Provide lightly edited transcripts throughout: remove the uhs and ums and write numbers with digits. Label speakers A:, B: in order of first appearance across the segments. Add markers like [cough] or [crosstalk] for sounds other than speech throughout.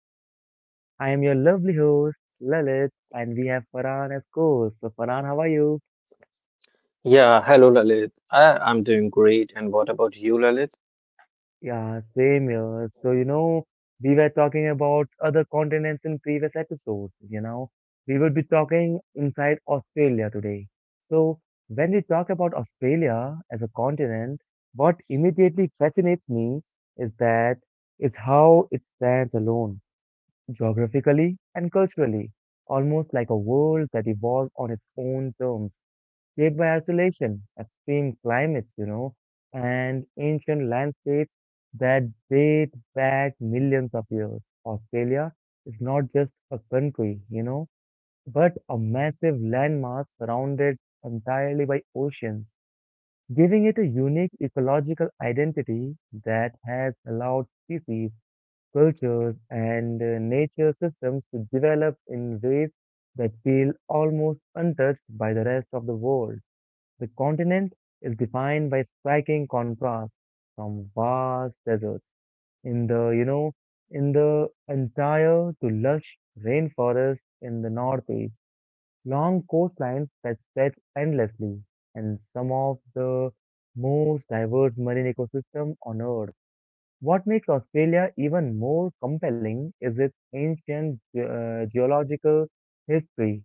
A: And I am your lovely host, Lalit, and we have Farhan as co-host. So, Farhan, how are you?
B: Yeah, hello Lalit. I'm doing great. And what about you, Lalit?
A: Yeah, same here. So, we were talking about other continents in previous episodes. We will be talking inside Australia today. So, when we talk about Australia as a continent, what immediately fascinates me is that is how it stands alone geographically and culturally, almost like a world that evolved on its own terms, shaped by isolation, extreme climates, and ancient landscapes that date back millions of years. Australia is not just a country, but a massive landmass surrounded entirely by oceans, giving it a unique ecological identity that has allowed species cultures, and nature systems develop in ways that feel almost untouched by the rest of the world. The continent is defined by striking contrasts from vast deserts in the you know in the entire to lush rainforests in the northeast, long coastlines that stretch endlessly, and some of the most diverse marine ecosystem on earth. What makes Australia even more compelling is its ancient geological history.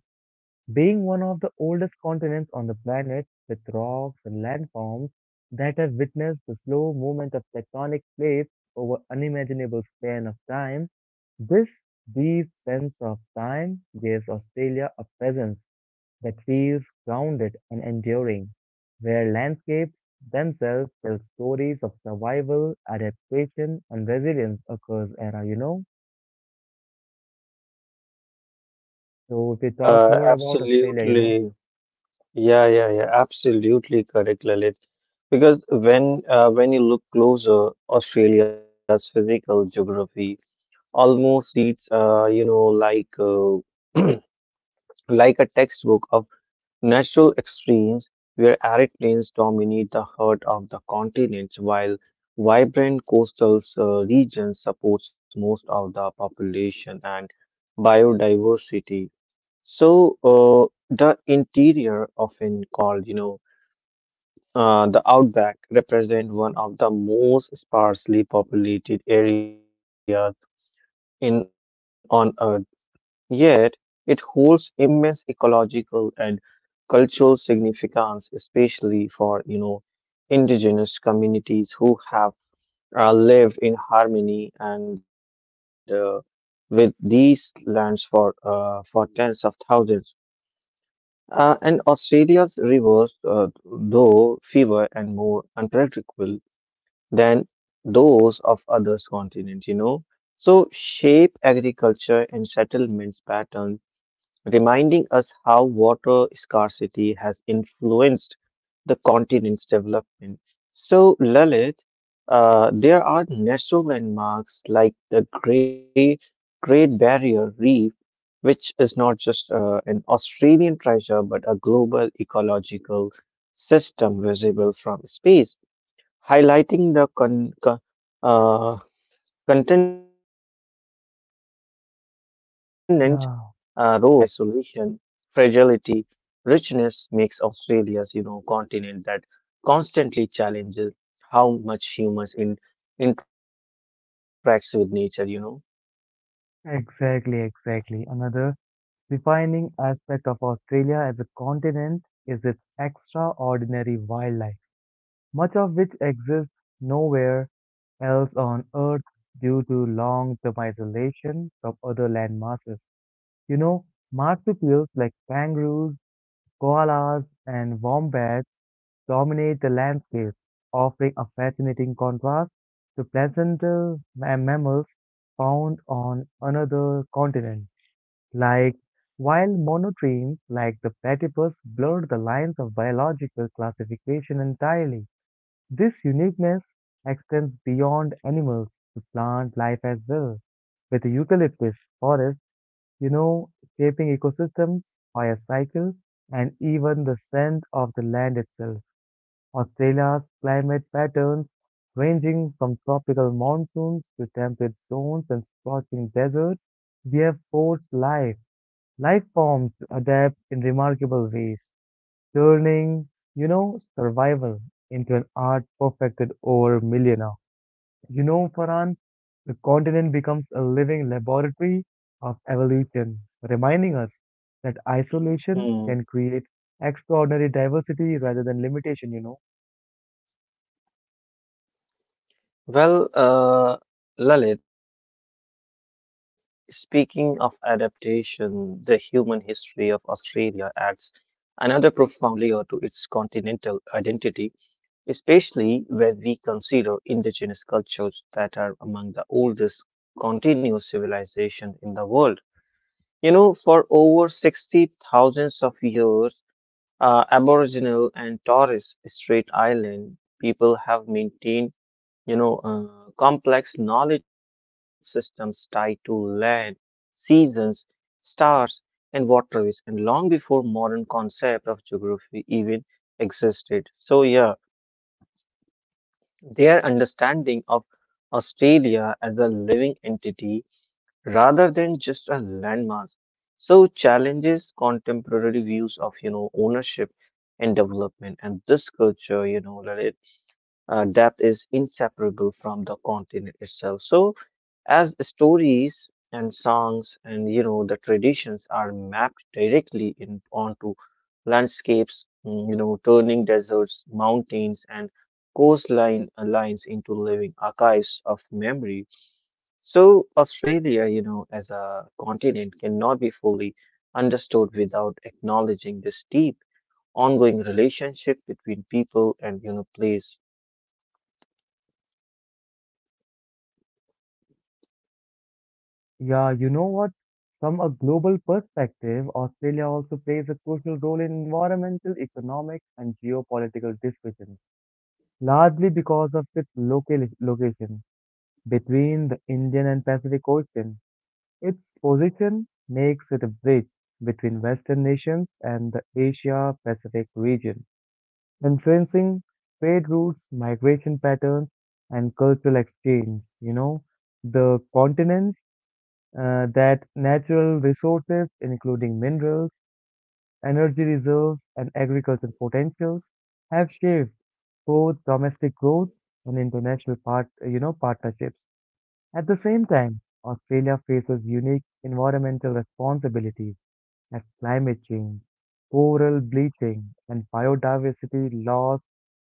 A: Being one of the oldest continents on the planet, with rocks and landforms that have witnessed the slow movement of tectonic plates over unimaginable span of time, this deep sense of time gives Australia a presence that feels grounded and enduring, where landscapes themselves tell stories of survival, adaptation, and resilience across era. So if we talk more
B: Yeah,
A: about Australia,
B: absolutely. Yeah, yeah, yeah, absolutely correct, Lalit. Because when you look closer, Australia's physical geography almost reads like [clears throat] like a textbook. Natural extremes where arid plains dominate the heart of the continent, while vibrant coastal regions supports most of the population and biodiversity. So uh, the interior, often called, the outback, represent one of the most sparsely populated areas in on Earth. Yet it holds immense ecological and cultural significance, especially for indigenous communities who have lived in harmony and with these lands for for tens of thousands. And Australia's rivers, though fewer and more unpredictable than those of other continents, so shape agriculture and settlements patterns, reminding us how water scarcity has influenced the continent's development. So, Lalit, there are natural landmarks like the Great Barrier Reef, which is not just an Australian treasure but a global ecological system visible from space, highlighting the continent role in the planetary environment
A: yeah,
B: balance. And this mix of isolation, fragility, richness makes Australia's, you know, continent that constantly challenges how much humans interacts with nature, you know.
A: exactly, exactly. Another defining aspect of Australia as a continent is its extraordinary wildlife, much of which exists nowhere else on Earth due to long-term isolation from other land masses. You know, Marsupials like kangaroos, koalas, and wombats dominate the landscape, offering a fascinating contrast to placental mammals found on another continent. Like, while monotremes like the platypus blurred the lines of biological classification entirely, this uniqueness extends beyond animals to plant life as well. With eucalyptus forests you know, shaping ecosystems, fire cycle, and even the scent of the land itself. Australia's climate patterns, ranging from tropical monsoons to temperate zones and scorching deserts, we have forced life forms to adapt in remarkable ways, turning, survival into an art perfected over millennia. Farhan, the continent becomes a living laboratory of evolution, reminding us that isolation
B: Hmm.
A: can create extraordinary diversity rather than limitation.
B: Well, Lalit, speaking of adaptation, the human history of Australia adds another profound layer to its continental identity, especially when we consider indigenous cultures that are among the oldest continuous civilizations in the world. You know, for over 60,000 of years, Aboriginal and Torres Strait Island people have maintained, complex knowledge systems tied to land, seasons, stars, and waterways, and long before modern concept of geography even existed. So yeah, their understanding of Australia as a living entity rather than just a landmass so challenges contemporary views of, you know, ownership and development. And this culture, you know, that it depth is inseparable from the continent itself, so as the stories and songs and, you know, the traditions are mapped directly in onto landscapes, you know, turning deserts, mountains, and coastline lines into living archives of memory. So Australia, you know, as a continent cannot be fully understood without acknowledging this deep ongoing relationship between people and, you know, place.
A: Yeah, you know what? From a global perspective, Australia also plays a crucial role in environmental, economic, and geopolitical discussions, largely because of its local location between the Indian and Pacific Ocean. Its position makes it a bridge between Western nations and the Asia-Pacific region, influencing trade routes, migration patterns, and cultural exchange. The continent that natural resources, including minerals, energy reserves, and agricultural potentials, have shaped both domestic growth and international partnerships. At the same time, Australia faces unique environmental responsibilities as climate change, coral bleaching, and biodiversity loss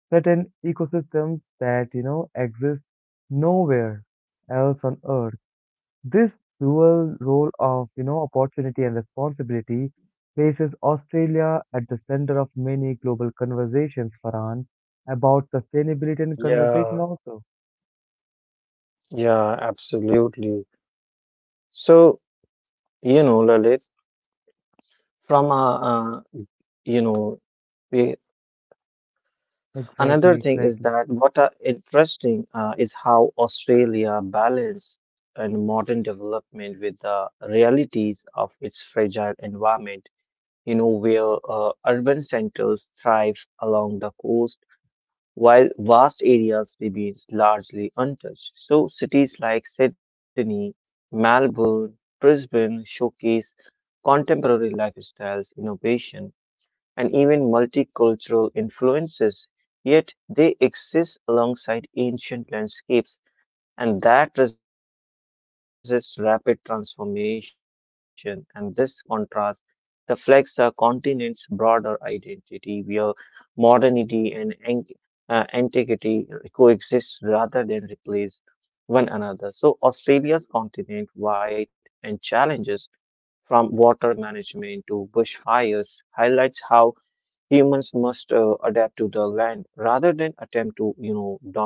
A: threaten ecosystems that, exist nowhere else on Earth. This dual role of, opportunity and responsibility places Australia at the center of many global conversations, Farhan, about sustainability and conversation
B: Yeah,
A: also.
B: yeah, absolutely. So, you know, Lalit, from a uh, you know we,
A: Exactly,
B: another thing is
A: exactly.
B: that what are interesting is how Australia balance and modern development with the realities of its fragile environment, you know, where urban centers thrive along the coast while vast areas remains largely untouched. So cities like Sydney, Melbourne, Brisbane showcase contemporary lifestyles, innovation, and even multicultural influences, yet they exist alongside ancient landscapes and that resists rapid transformation. And this contrast reflects the continent's broader identity, where modernity and antiquity coexist rather than replace one another. So Australia's continent wide and challenges from water management to bushfires highlights how humans must adapt to the land rather than attempt to, you know, dominate it.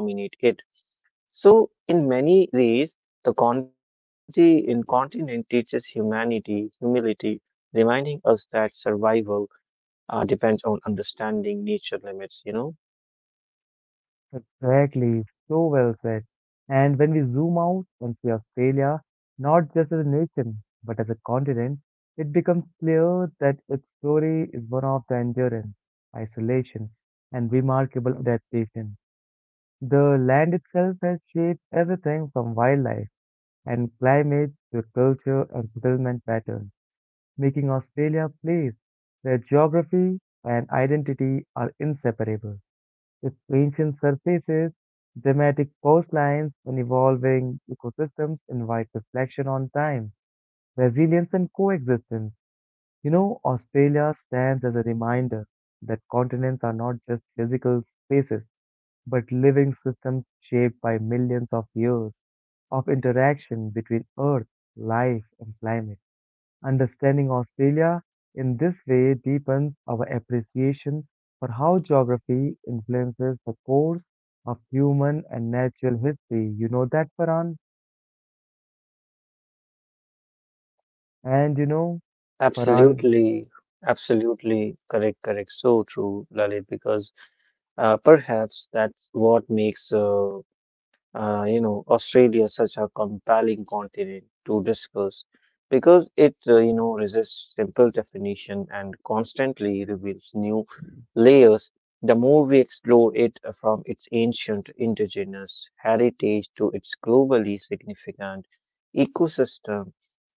B: So, in many ways, the conti- in continent teaches humanity, humility, reminding us that survival depends on understanding nature limits, you know?
A: Exactly, so well said. And when we zoom out and see Australia, not just as a nation, but as a continent, it becomes clear that its story is one of the endurance, isolation, and remarkable adaptation. The land itself has shaped everything from wildlife and climate to culture and settlement patterns, making Australia a place where geography and identity are inseparable. Its ancient surfaces, dramatic coastlines, and evolving ecosystems invite reflection on time, resilience, and coexistence. Australia stands as a reminder that continents are not just physical spaces, but living systems shaped by millions of years of interaction between Earth, life, and climate. Understanding Australia in this way deepens our appreciation for how geography influences the course of human and natural history. You know that, Farhan? And Farhan,
B: Absolutely, absolutely, correct, correct. So true, Lalit, because perhaps that's what makes you know, Australia is such a compelling continent to discuss because it, you know, resists simple definition and constantly reveals new layers. The more we explore it, from its ancient indigenous heritage to its globally significant ecosystem.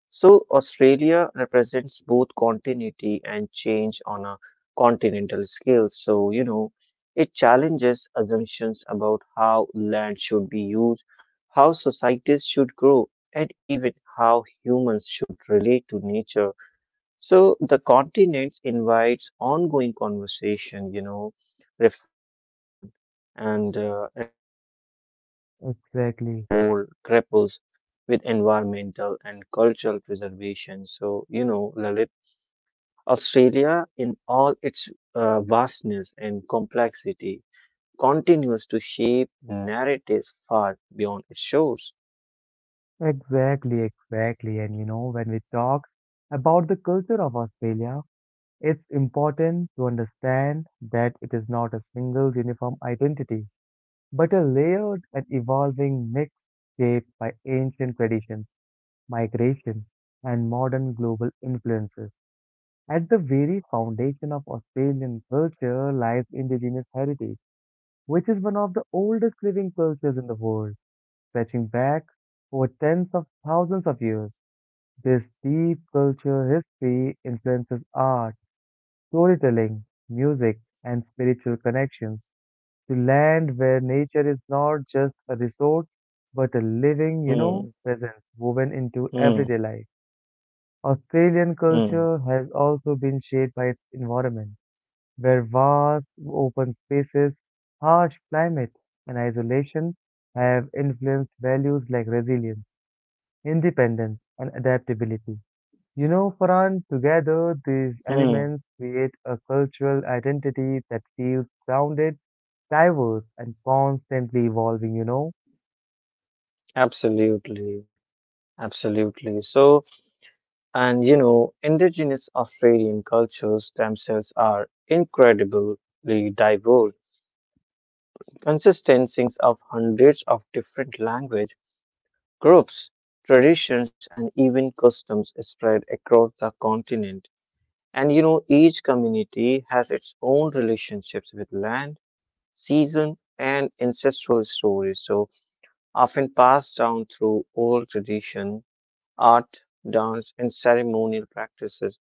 B: So Australia represents both continuity and change on a continental scale. So, you know, it challenges assumptions about how land should be used, how societies should grow, and even how humans should relate to nature. So the continent invites ongoing conversation, you know, reflection and learning, especially as the
A: exactly,
B: world grapples with environmental and cultural preservation. So, you know, Lalit, Australia in all its vastness and complexity continues to shape narratives far beyond its shores.
A: exactly, exactly. And when we talk about the culture of Australia, it's important to understand that it is not a single uniform identity, but a layered and evolving mix shaped by ancient traditions migration, and modern global influences. At the very foundation of Australian culture lies indigenous heritage, which is one of the oldest living cultures in the world, stretching back for tens of thousands of years. This deep culture history influences art, storytelling, music, and spiritual connections to land where nature is not just a resource but a living,
B: Hmm,
A: presence woven into
B: hmm,
A: everyday life. Australian
B: hmm,
A: culture has also been shaped by its environment, where vast open spaces, harsh climate, and isolation have influenced values like resilience, independence, and adaptability. Farhan, together these
B: hmm.
A: elements create a cultural identity that feels grounded, diverse, and constantly evolving.
B: Absolutely, absolutely. So, and you know, indigenous Australian cultures themselves are incredibly diverse, consistencies of hundreds of different language groups, traditions, and even customs spread across the continent. And, you know, each community has its own relationships with land, season, and ancestral stories, so often passed down through oral tradition, art, dance, and ceremonial practices.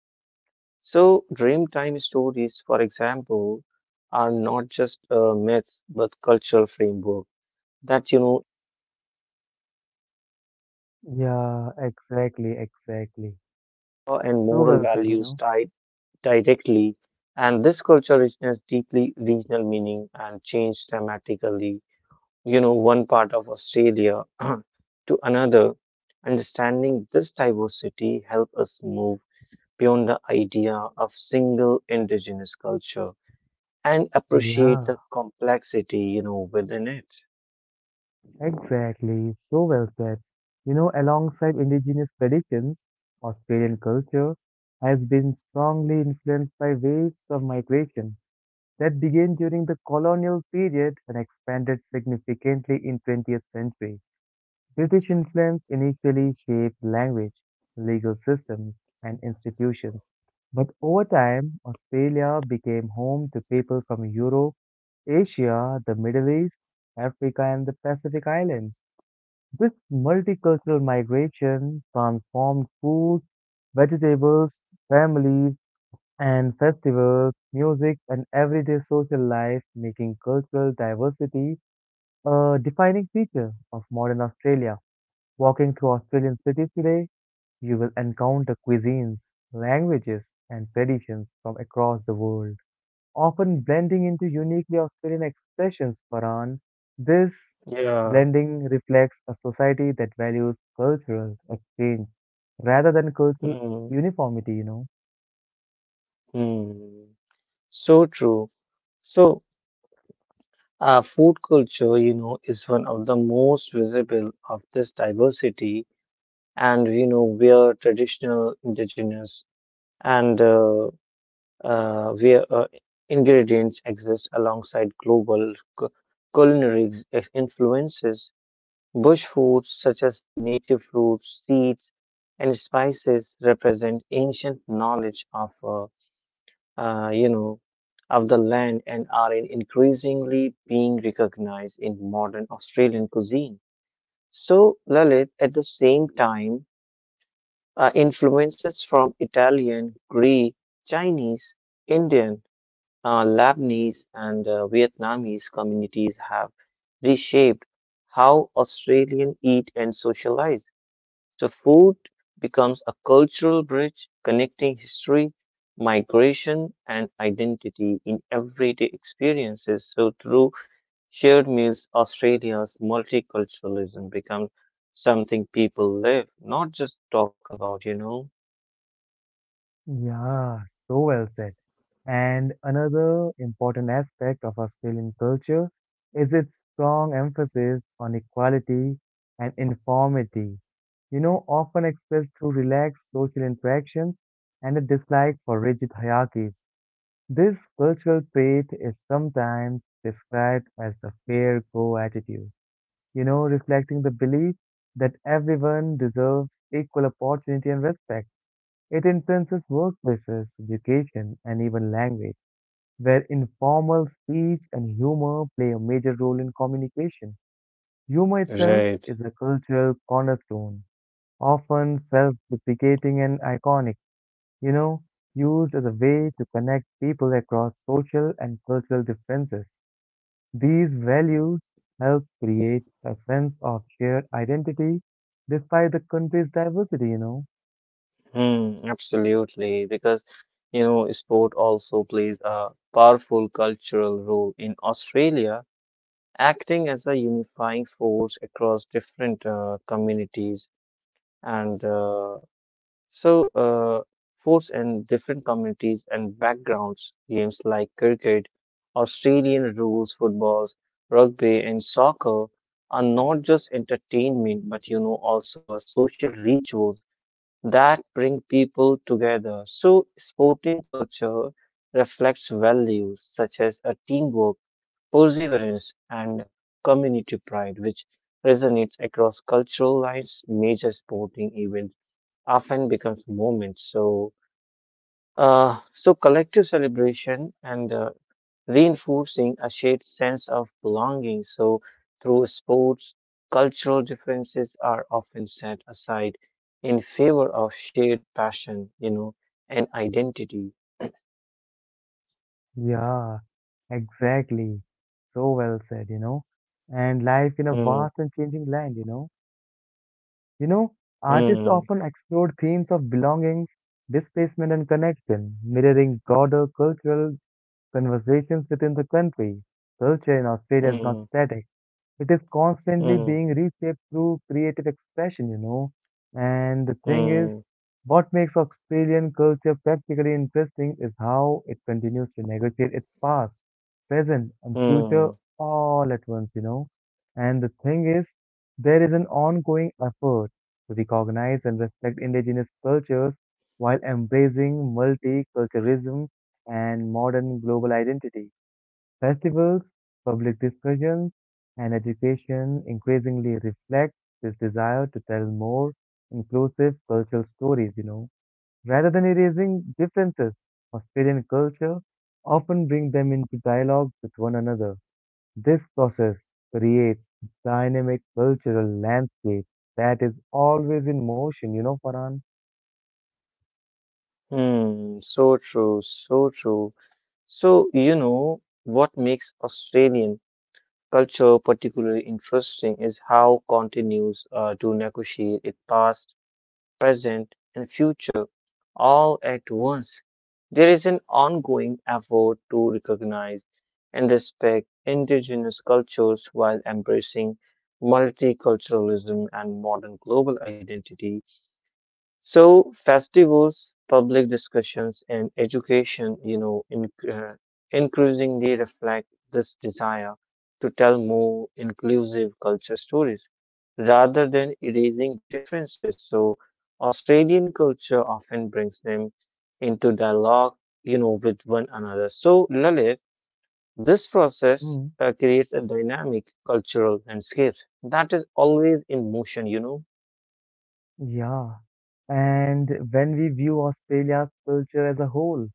B: So Dreamtime stories, for example, are not just myths but cultural framework that, you know,
A: Yeah, exactly, exactly.
B: law and
A: So
B: moral
A: well said, you
B: values
A: know?
B: tied directly. And this culture richness deeply regional meaning and changed dramatically, you know, one part of Australia [clears throat] to another. Understanding this diversity helps us move beyond the idea of single indigenous culture and appreciate the
A: Yeah.
B: complexity, you know, within it.
A: Exactly, so well said. Alongside indigenous traditions, Australian culture has been strongly influenced by waves of migration that began during the colonial period and expanded significantly in 20th century. British influence initially shaped language, legal systems, and institutions, but over time, Australia became home to people from Europe, Asia, the Middle East, Africa, and the Pacific Islands. This multicultural migration transformed food, vegetables, families, and festivals, music, and everyday social life, making cultural diversity a defining feature of modern Australia. Walking through Australian cities today, you will encounter cuisines, languages, and traditions from across the world, often blending into uniquely Australian expressions, Faran. This
B: Yeah.
A: blending reflects a society that values cultural exchange rather than cultural
B: Mm,
A: uniformity.
B: mm. So true. So, food culture, you know, is one of the most visible of this diversity, and you know where traditional indigenous and where ingredients exist alongside global cu- culinary influences. Bush foods such as native fruits, seeds, and spices represent ancient knowledge of, you know, of the land and are increasingly being recognized in modern Australian cuisine. So, Lalit, at the same time, influences from Italian, Greek, Chinese, Indian, Lebanese, and Vietnamese communities have reshaped how Australians eat and socialize. So food becomes a cultural bridge connecting history, migration, and identity in everyday experiences. So, through shared meals, Australia's multiculturalism becomes something people live, not just talk about, you know.
A: Yeah, so well said. And another important aspect of Australian culture is its strong emphasis on equality and informity. Often expressed through relaxed social interactions and a dislike for rigid hierarchies. This cultural trait is sometimes described as the fair go attitude, reflecting the belief that everyone deserves equal opportunity and respect. It influences workplaces, education, and even language, where informal speech and humor play a major role in communication. Humor itself
B: Right.
A: is a cultural cornerstone, often self deprecating and iconic, you know, used as a way to connect people across social and cultural differences. These values help create a sense of shared identity despite the country's diversity.
B: Hmm, absolutely. Because, you know, sport also plays a powerful cultural role in Australia, acting as a unifying force across different communities and so uh, force and different communities and backgrounds. Games like cricket, Australian rules footballs, rugby, and soccer are not just entertainment, but, you know, also a social ritual that bring people together. So sporting culture reflects values such as a teamwork, perseverance, and community pride, which resonates across cultural lines. Major sporting events often becomes moments. So so collective celebration and reinforcing a shared sense of belonging. So, through sports, cultural differences are often set aside in favor of shared passion, you know, and identity.
A: Yeah, exactly. So well said. And life in a
B: Hmm,
A: vast and changing land. You know, Artists
B: hmm,
A: often explore themes of belonging, displacement, and connection, mirroring broader cultural conversations within the country. Culture in Australia is not
B: hmm,
A: static. It is constantly
B: hmm,
A: being reshaped through creative expression. And the thing is,
B: hmm,
A: what makes Australian culture practically interesting is how it continues to negotiate its past, present, and future
B: hmm,
A: all at once. And the thing is, there is an ongoing effort to recognize and respect indigenous cultures while embracing multiculturalism and modern global identity. Festivals, public discussions, and education increasingly reflect this desire to tell more inclusive cultural stories. Rather than erasing differences, Australian culture often bring them into dialogue with one another. This process creates dynamic cultural landscape that is always in motion, Farhan.
B: hmm. So true, so true. So, you know, what makes Australian culture particularly interesting is how continues to negotiate its past, present, and future all at once. There is an ongoing effort to recognize and respect indigenous cultures while embracing multiculturalism and modern global identity. So festivals, public discussions, and education, you know, increasingly reflect this desire to tell more inclusive culture stories rather than erasing differences. So Australian culture often brings them into dialogue, you know, with one another. So Lalit, this process
A: Mm,
B: creates a dynamic cultural landscape that is always in motion, you know.
A: yeah. And when we view Australia's culture as a whole,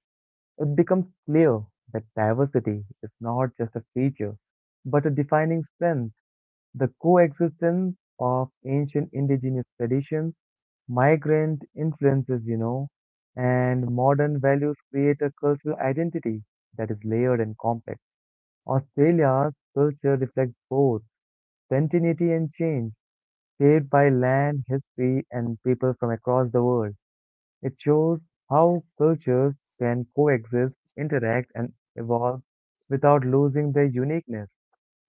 A: it becomes clear that diversity is not just a feature, but a defining strength. The coexistence of ancient indigenous traditions, migrant influences, and modern values create a cultural identity that is layered and complex. Australia's culture reflects both continuity and change, shaped by land, history, and people from across the world. It shows how cultures can coexist, interact, and evolve without losing their uniqueness.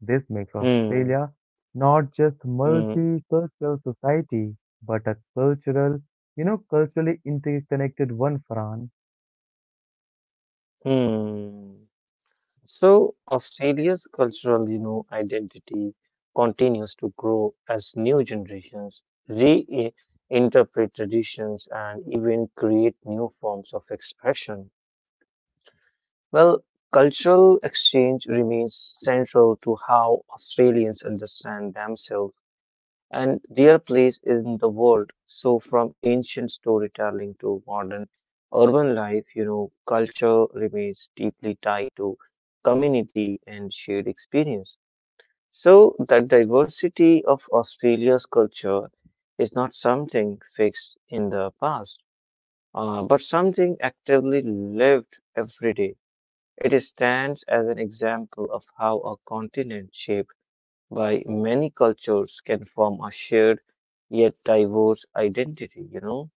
A: This makes
B: Hmm.
A: Australia not just a
B: Hmm.
A: multicultural society, but a culturally interconnected one, Fran.
B: Hmm. So Australia's cultural, you know, identity continues to grow as new generations reinterpret traditions and even create new forms of expression. Well, cultural exchange remains central to how Australians understand themselves and their place in the world. So, from ancient storytelling to modern urban life, you know, culture remains deeply tied to community and shared experience. So the diversity of Australia's culture is not something fixed in the past, but something actively lived every day. It stands as an example of how a continent shapes why many cultures can form a shared yet diverse identity, you know?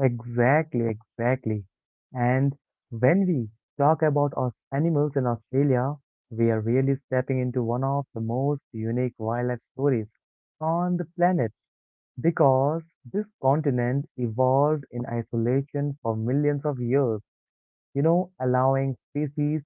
A: Exactly, exactly. And when we talk about our animals in Australia, we are really stepping into one of the most unique wildlife stories on the planet. Because this continent evolved in isolation for millions of years, allowing species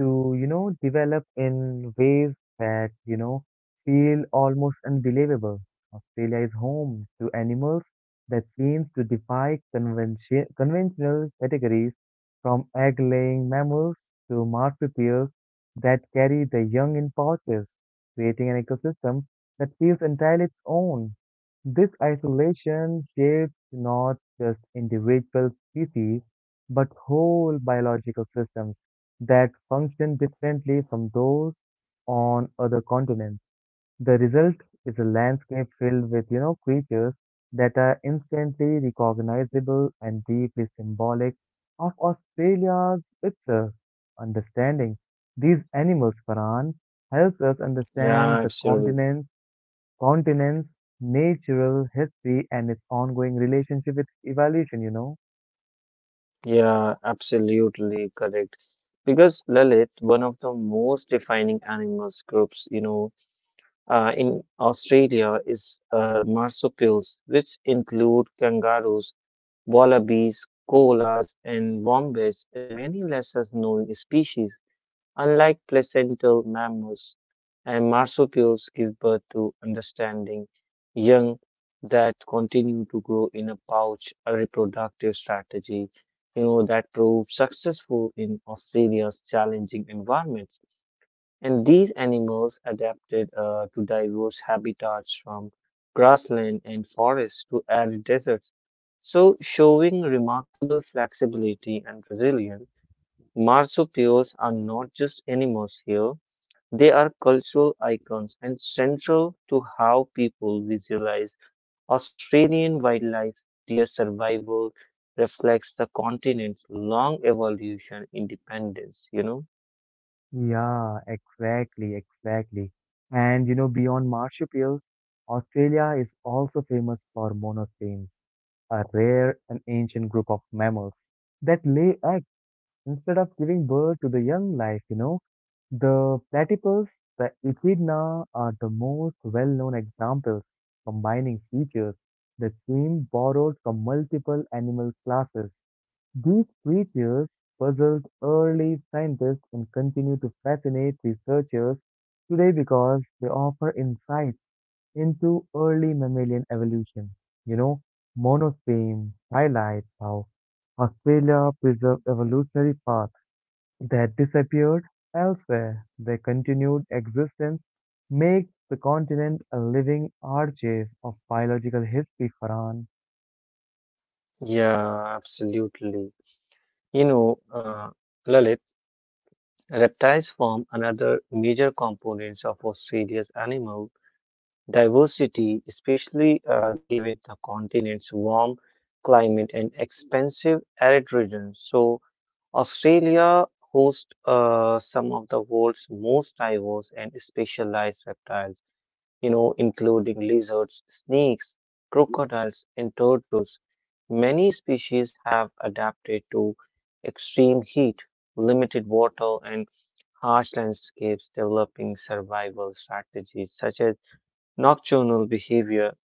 A: to, develop in ways that, feel almost unbelievable. Australia is home to animals that seem to defy conventional categories from egg-laying mammals to marsupials that carry the young in pouches, creating an ecosystem that feels entirely its own. This isolation shapes not just individual species, but whole biological systems that function differently from those on other continents. The result is a landscape filled with, creatures that are instantly recognizable and deeply symbolic of Australia's itself. Understanding these animals, Farhan, helps us understand
B: Yeah,
A: the
B: absolutely.
A: continents, natural history, and its ongoing relationship with evolution.
B: Yeah, absolutely correct. Because Lalit, one of the most defining animals groups, you know, in Australia is marsupials, which include kangaroos, wallabies, koalas, and wombats, and many lesser known species. Unlike placental mammals, and marsupials give birth to understanding young that continue to grow in a pouch, a reproductive strategy, you know, that proved successful in Australia's challenging environments. And these animals adapted to diverse habitats from grassland and forests to arid deserts. So, showing remarkable flexibility and resilience, marsupials are not just animals here, they are cultural icons and central to how people visualize Australian wildlife. Their survival reflects the continent's long evolution independence, you know?
A: Yeah, exactly, exactly. And, beyond marsupials, Australia is also famous for monostemes, a rare and ancient group of mammals that lay eggs instead of giving birth to the young life. The platypus, the echidna are the most well-known examples, combining features that seem borrowed from multiple animal classes. These creatures puzzled early scientists and continue to fascinate researchers today because they offer insights into early mammalian evolution. You know, Monospeme highlights how Australia preserved evolutionary paths that disappeared elsewhere. Their continued existence makes the continent a living archive of biological history, Farhan.
B: Yeah, absolutely. You know, Lalit, reptiles form another major components of Australia's animal diversity, especially given the continent's warm climate and expansive arid regions. So Australia hosts some of the world's most diverse and specialized reptiles, you know, including lizards, snakes, crocodiles, and turtles. Many species have adapted to extreme heat, limited water, and harsh landscapes, developing survival strategies such as nocturnal behavior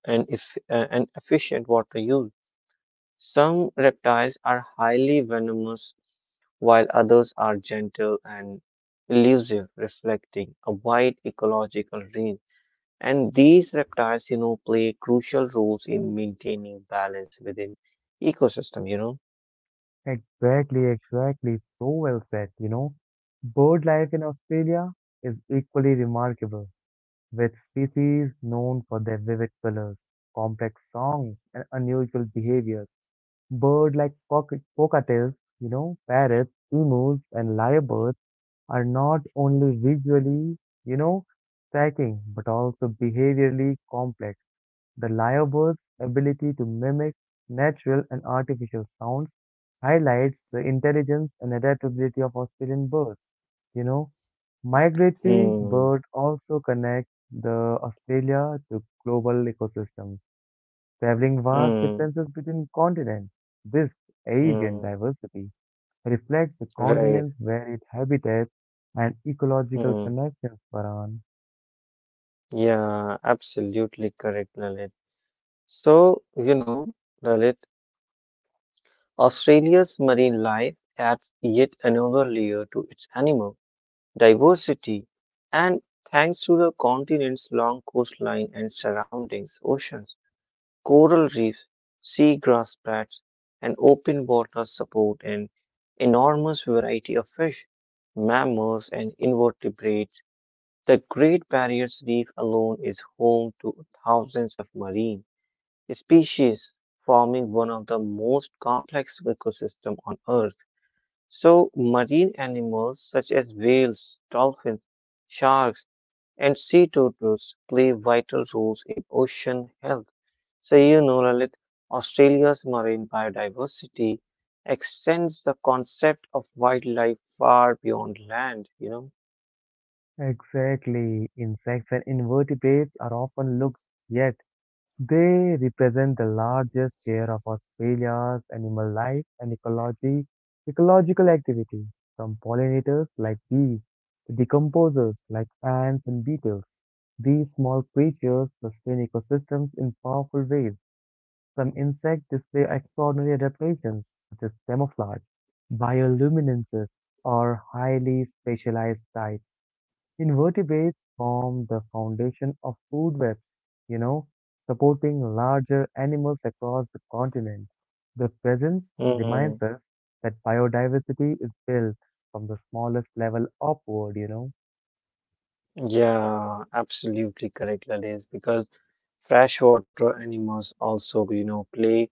B: and, if, and efficient water use. Some reptiles are highly venomous, while others are gentle and elusive, reflecting a wide ecological range. And these reptiles, you know, play crucial roles in maintaining balance within ecosystem, you know.
A: Exactly, exactly. So well said. Bird life in Australia is equally remarkable, with species known for their vivid colors, complex songs, and unusual behaviors. Birds like cockatiels, you know, parrots, emus, and lyrebirds are not only visually, you know, striking, but also behaviorally complex. The lyrebird's ability to mimic natural and artificial sounds highlights the intelligence and adaptability of Australian birds. You know, Migratory
B: Hmm,
A: birds also connect the Australia to global ecosystems, traveling vast
B: hmm,
A: distances between continents. This avian
B: hmm,
A: diversity reflect the continents
B: right.
A: where it habitates and ecological
B: Hmm.
A: connections, Varan.
B: Yeah, absolutely correct, Lalit. So, you know, Lalit, Australia's marine life adds yet another layer to its animal diversity, and thanks to the continent's long coastline and surroundings oceans, coral reefs, seagrass beds, and open water support an enormous variety of fish, mammals, and invertebrates. The Great Barrier Reef alone is home to thousands of marine species, forming one of the most complex ecosystems on Earth. So marine animals such as whales, dolphins, sharks, and sea turtles play vital roles in ocean health. So, you know, Lalit, Australia's marine biodiversity extends the concept of wildlife far beyond land, you know.
A: Exactly. Insects and invertebrates are often looked, yet they represent the largest share of Australia's animal life and ecology, ecological activity, from pollinators like bees to decomposers like ants and beetles. These small creatures sustain ecosystems in powerful ways. Some insects display extraordinary adaptations, such as camouflage, bioluminescence, or highly specialized diets. Invertebrates form the foundation of food webs, you know, supporting larger animals across the continent. Their presence reminds
B: Mm,
A: us that biodiversity is built from the smallest level upward.
B: yeah, absolutely correct, Lalit, because freshwater animals also, you know, play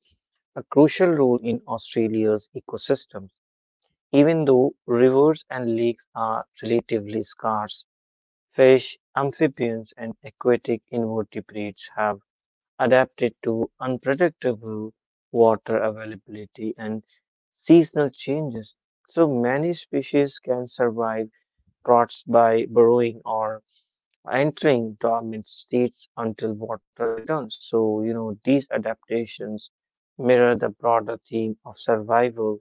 B: a crucial role in Australia's ecosystem. Even though rivers and lakes are relatively scarce, fish, amphibians, and aquatic invertebrates have adapted to unpredictable water availability and seasonal changes. So many species can survive droughts by burrowing or entering dormant states until water returns. So, you know, these adaptations mirror the broader theme of survival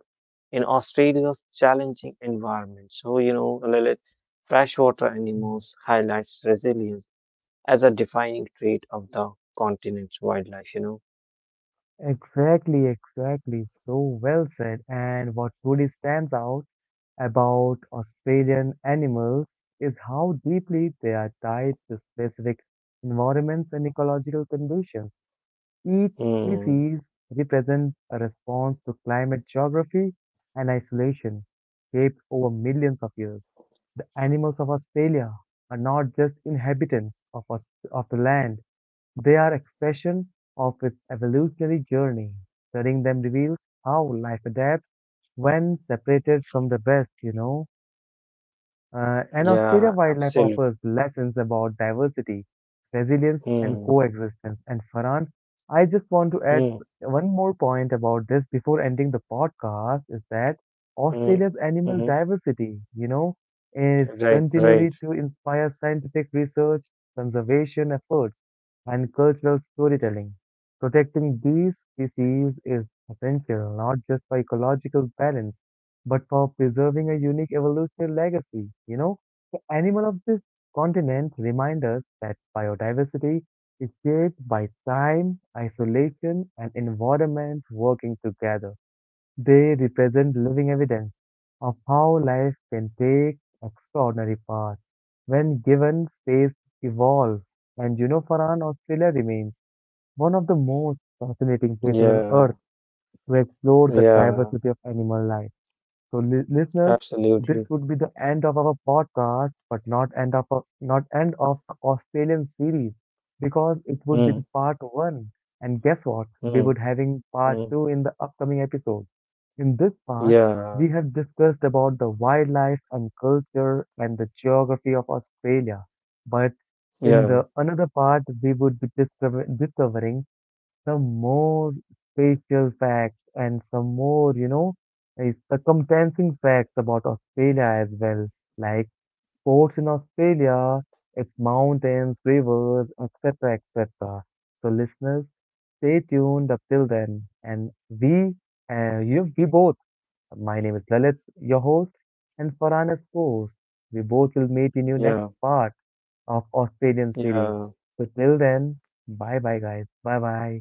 B: in Australia's challenging environment. So, you know, Lilith, freshwater animals highlights resilience as a defining trait of the continent's wildlife, you know.
A: Exactly, exactly. So well said. And what truly stands out about Australian animals is how deeply they are tied to specific environments and ecological conditions. Each
B: Hmm.
A: species represents a response to climate geography and isolation shaped over millions of years. The animals of Australia are not just inhabitants of, of the land, they are expression of its evolutionary journey. Studying them reveals how life adapts when separated from the rest. And Australia
B: Yeah,
A: Wildlife
B: absolutely.
A: offers lessons about diversity, resilience, and
B: Hmm.
A: coexistence. And Farhan, I just want to add
B: Hmm.
A: one more point about this before ending the podcast is that
B: Hmm.
A: Australia's animal
B: Hmm.
A: diversity, you know, is
B: Right. Right.
A: continually to inspire scientific research, conservation efforts, and cultural storytelling. Protecting these species is essential not just for ecological balance but for preserving a unique evolutionary legacy. The animal of this continent remind us that biodiversity is shaped by time, isolation, and environment working together. They represent living evidence of how life can take extraordinary paths when given space to evolve. And you know, Farhan, Australia remains one of the most fascinating places on
B: Yeah.
A: earth to explore the
B: Yeah.
A: diversity of animal life. So, listeners,
B: Absolutely.
A: this would be the end of our podcast, but not end of not end of the Australian series because it would be
B: Hmm.
A: the part one. And guess what? We
B: Hmm.
A: would having part
B: Hmm.
A: two in the upcoming episode. In this part,
B: Yeah,
A: we have discussed about the wildlife and culture and the geography of Australia. But in
B: yeah,
A: the another part, we would be discovering some more spatial facts and some more, circumstancing facts about Australia as well, like sports in Australia, its mountains, rivers, etc., etc. So, listeners, stay tuned up till then. And we both, my name is Lalit, your host, and Farhan is host. We both will meet in your next
B: yeah,
A: part of Australian series.
B: yeah.
A: So, till then, bye bye, guys. Bye bye.